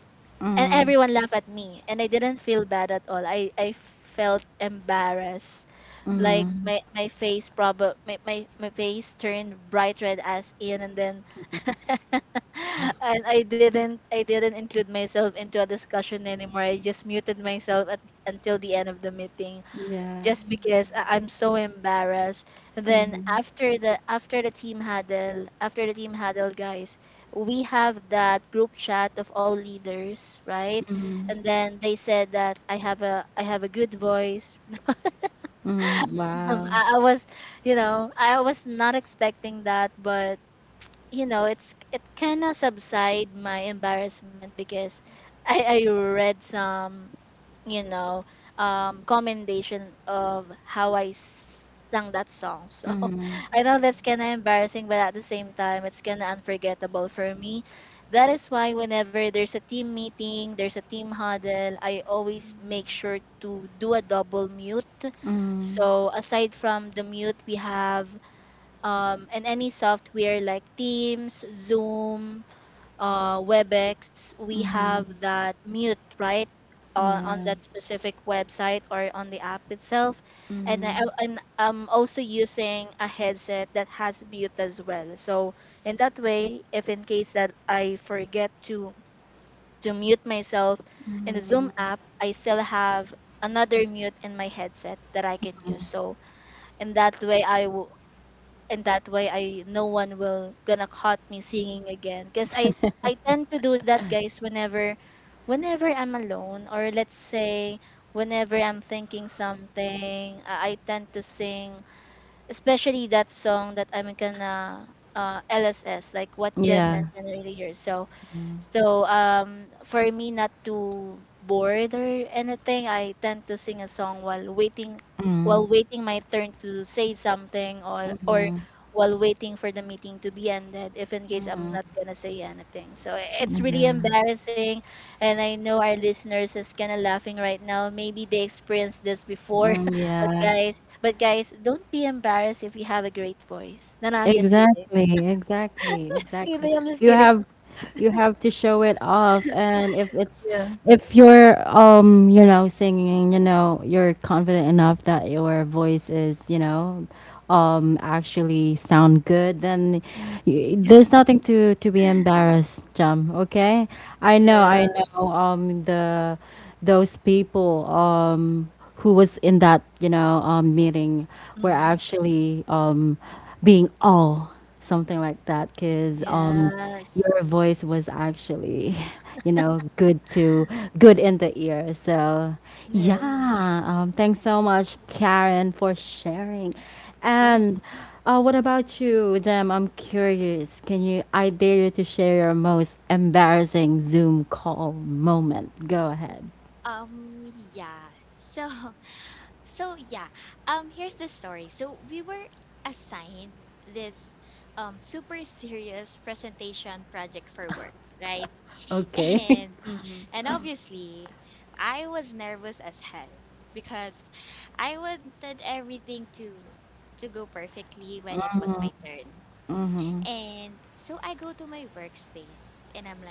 and mhm. everyone laugh at me. And I didn't feel bad at all. I felt embarrassed, Mhm. like my face, probably my my face turned bright red as in. And then and I didn't include myself into a discussion anymore. I just muted until the end of the meeting, Yeah. just because Mhm. I, I'm so embarrassed. And then Mhm, after the team huddle, after the team huddle, guys, we have that group chat of all leaders, right? Mhm. mhm, And then they said that I have a good voice. mhm. Wow. Mhm. I was, you know, I was not expecting that, but you know, it's it kind of subside my embarrassment because I read some, you know, commendation of how I sang that song. So Mhm, I know Mhm. that's kind of embarrassing, but at the same time, it's kind of unforgettable for me. That is why whenever there's a team meeting, there's a team huddle, I always make Mhm. sure to do a double mute. mhm, So aside from the mute, we have in any software like Teams, Zoom, WebEx, we have mhm. that mute, right? On Yeah. that specific website or on the app itself. And Mm. I'm also using a headset that has mute as well. So in that way, if in case that to mute myself in the Zoom app, I still have another mute in my headset that I can use. So in that way, I w and that way, I no one will gonna caught me singing again. Because I tend to do that, guys, whenever I'm alone, or let's say whenever I'm thinking something, I tend to sing, especially that song that I'm gonna LSS, like what Jem Yeah. mentioned earlier. So, so for me not to bored or anything, I tend to sing a song Mm. while waiting my turn to say something, or while waiting for the meeting to be ended, if in case I'm Mm. not gonna say anything. So it's really embarrassing, and I know our listeners is kind of laughing right now. Maybe they experienced this before, Mm, but yeah. guys, but guys, don't be embarrassed if you have a great voice. No, no, I'm just kidding. Exactly, exactly, I'm just exactly. kidding. I'm just You kidding. have, you have to show it off, and if it's, Yeah. if you're, you know, singing, you know, you're confident enough that your voice is, you know, actually sound good, then y Yeah. there's nothing to, to be embarrassed, Jam, okay? I Yeah. know the those people who was in that, you know, meeting were Mm. actually being all something like that, because Yes. your voice was actually you know good to good in the ear. So Yes. yeah, thanks so much, Karen, for sharing. Sure. And what about you, Jem? I'm curious. Can you, I dare you to share your most embarrassing Zoom call moment, go ahead. Yeah. So so yeah, here's the story. So we were assigned this super serious presentation project for work, right? And Okay. Mm-hmm. and obviously, I was nervous as hell because I wanted everything to go perfectly when it was my turn. And so I go to my workspace and I'm like,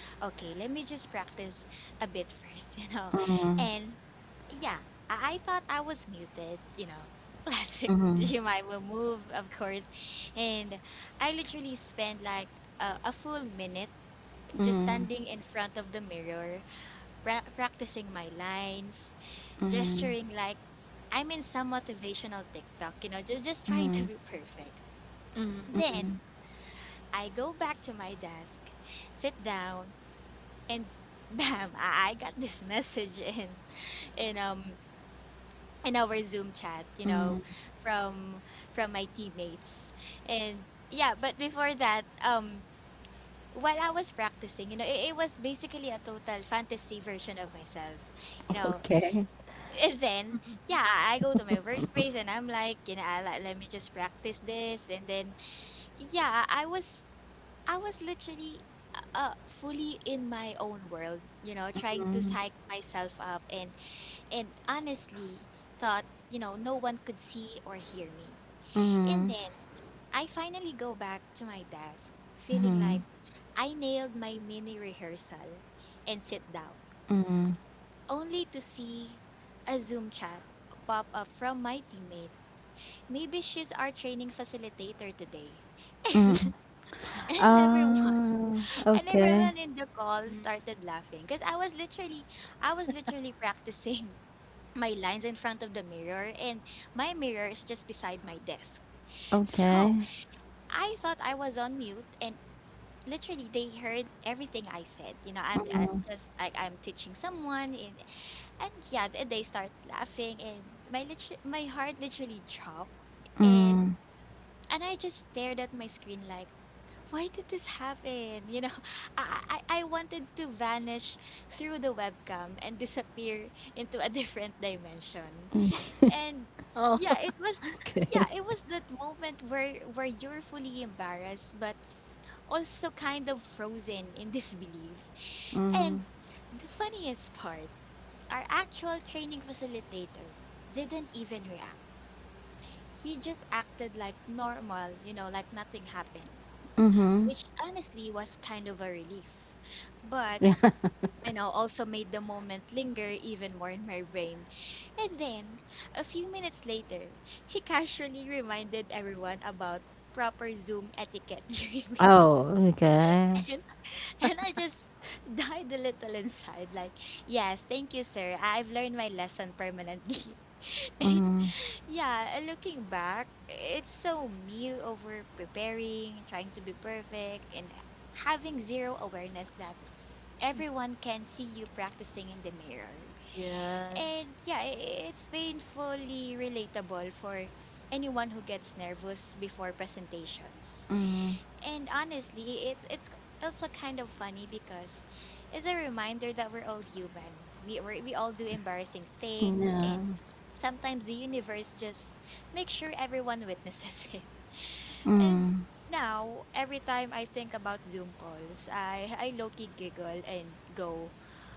okay, let me just practice a bit first, you know. And yeah, I thought I was muted, you know. Classic Jemai will move, of course. And I literally spent like a full minute just standing in front of the mirror, practicing my lines, gesturing like I'm in some motivational TikTok, you know, just trying to be perfect. Mm-hmm. Then I go back to my desk, sit down, and bam, I got this message in um in our Zoom chat, you know, from from my teammates. And yeah, but before that, while I was practicing, you know, it was basically a total fantasy version of myself, you know. Okay. And then, yeah, I go to my workspace and I'm like, you know, let me just practice this. And then, yeah, I was literally fully in my own world, you know, trying to psych myself up, and honestly thought, you know, no one could see or hear me. And then I finally go back to my desk, feeling like I nailed my mini rehearsal, and sit down, only to see a Zoom chat pop up from my teammate. Maybe she's our training facilitator today. And, and everyone Oh, And everyone okay, in the call Mm. started laughing, because I was literally practicing my lines in front of the mirror, and my mirror is just beside my desk. So okay. I thought I was on mute, and literally they heard everything I said. You know, I'm just like I'm teaching someone, and yeah, they start laughing, and my heart literally dropped. And and I just stared at my screen like, why did this happen? You know, I wanted to vanish through the webcam and disappear into a different dimension. And Oh. yeah, it was that moment where you're fully embarrassed but also kind of frozen in disbelief. And the funniest part, our actual training facilitator didn't even react. He just acted like normal, you know, like nothing happened, which honestly was kind of a relief. But you know, also made the moment linger even more in my brain. And then, a few minutes later, he casually reminded everyone about proper Zoom etiquette during meetings. Oh, okay. And I just died a little inside. Like, yes, thank you, sir. I've learned my lesson permanently. And yeah, looking back, it's so me, over preparing, trying to be perfect, and having zero awareness that everyone can see you practicing in the mirror. And Yes. yeah, it's painfully relatable for anyone who gets nervous before presentations. And honestly, also kind of funny because it's a reminder that we're all human. We all do embarrassing things, and Yeah. sometimes the universe just makes sure everyone witnesses it. And now, every time I think about Zoom calls, I low-key giggle and go,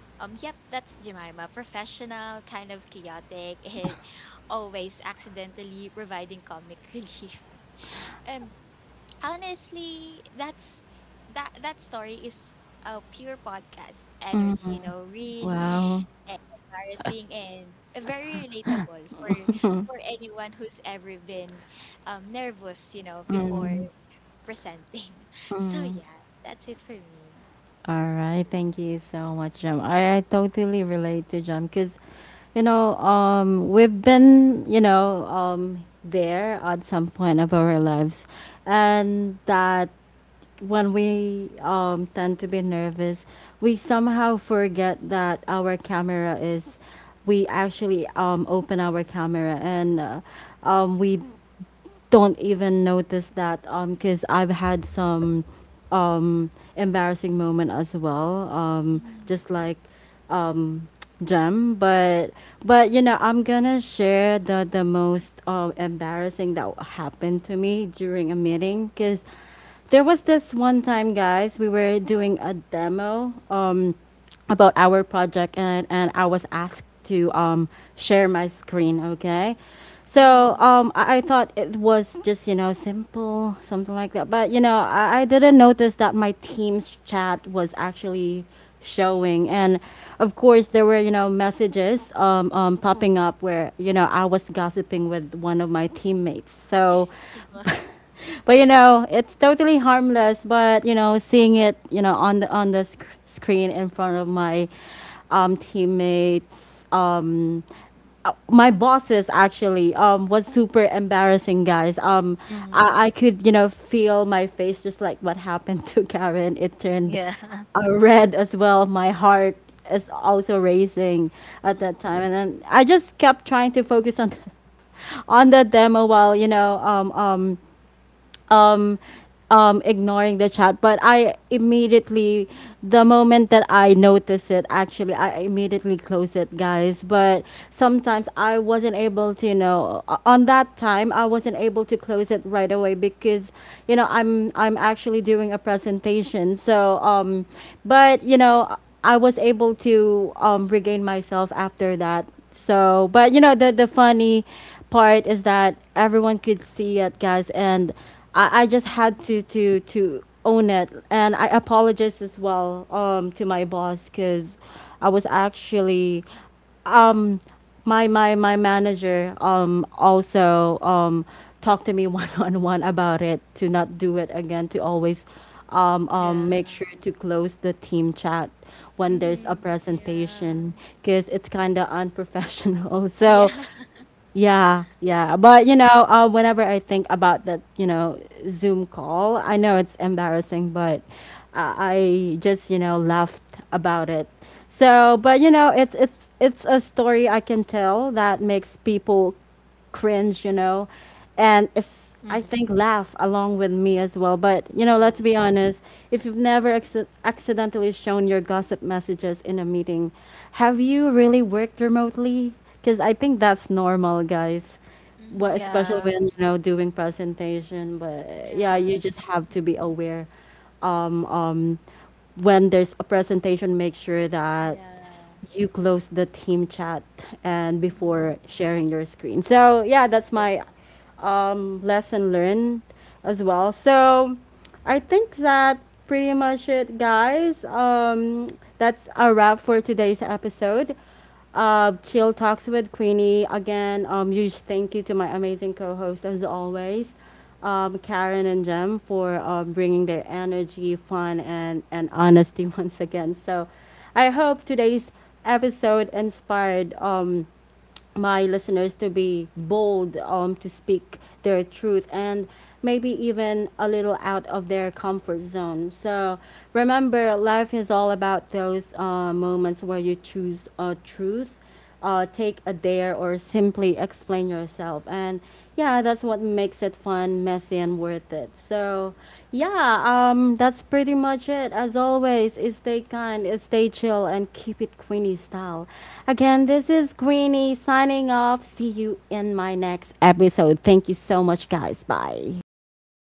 yep, that's Jemima. Professional, kind of chaotic, and always accidentally providing comic relief. Um, honestly, that story is a pure podcast energy, you know, real, Wow. All embarrassing, and very relatable for anyone who's ever been nervous, you know, before presenting. So yeah, that's it for me. right. Thank you so much, Jam. I totally relate to Jam because, you know, we've been, you know, there at some point of our lives, and that when we tend to be nervous, we somehow forget that our camera is. We actually open our camera and we don't even notice that because I've had some embarrassing moment as well, Hmm. just like um, Jem. But you know, I'm gonna share the most embarrassing that happened to me during a meeting because there was this one time, guys, we were doing a demo. About our project and I was asked to share my screen, okay? Hmm. So I thought it was just, you know, simple, something like that. But, you know, I didn't notice that my team's chat was actually showing. And of course, there were, you know, messages popping up where, you know, I was gossiping with one of my teammates. So but you know it's totally harmless but you know seeing it you know on the screen in front of my teammates my bosses actually was super embarrassing, guys, Mm-hmm. I could you know feel my face just like what happened to Karen. It turned Yeah. Red as well. My heart is also racing at Mm-hmm. that time, and then I just kept trying to focus on the, on the demo while you know um, ignoring the chat. But I immediately, the moment that I noticed it, actually, I immediately closed it, guys. But sometimes I wasn't able to, you know, on that time, I wasn't able to close it right away because, you know, I'm actually doing a presentation. So, but you know, I was able to regain myself after that. So, but you know, the funny part is that everyone could see it, guys, and I just had to own it, and I apologize as well to my boss because I was actually um my manager also talked to me one on one about it, to not do it again, to always make Yeah. sure to close the team chat when there's Mhm. a Yeah. presentation because it's kind of unprofessional. Yeah. So, yeah, yeah. But, Mhm. you know, whenever I think about that, you know, Zoom call, I know it's embarrassing, but I just, you know, laughed about it. So, but you know, it's a story I can tell that makes people cringe, you know, and it's I Mm-hmm. think laugh along with me as well. But you know, Yes. let's be honest. If you've never accidentally shown your gossip messages in a meeting, have you really worked remotely? Because I think that's normal, guys. What, Mhm. especially Yeah. when you know doing presentation. But Yeah, yeah, you just true. have to be aware. Um, um, when there's a presentation, make sure that Yeah. you close the team chat and Mhm. before sharing your screen. So yeah, that's Yes. my lesson learned as well. So I think that pretty much it, guys. That's a wrap for today's episode of Chill Talks with Queenie. Again, huge thank you to my amazing co-host as always, Karen and Jem, for bringing their energy, fun, and honesty once again. So I hope today's episode inspired my listeners to be bold, to speak their truth and maybe even a little out of their comfort zone. So remember, life is all about those moments where you choose a truth, take a dare, or simply explain yourself. And yeah, that's what makes it fun, messy, and worth it. So, yeah, that's pretty much it. As always, stay kind, stay chill, and keep it Queenie style. Again, this is Queenie signing off. See you in my next episode. Thank you so much, guys. Bye. Bye.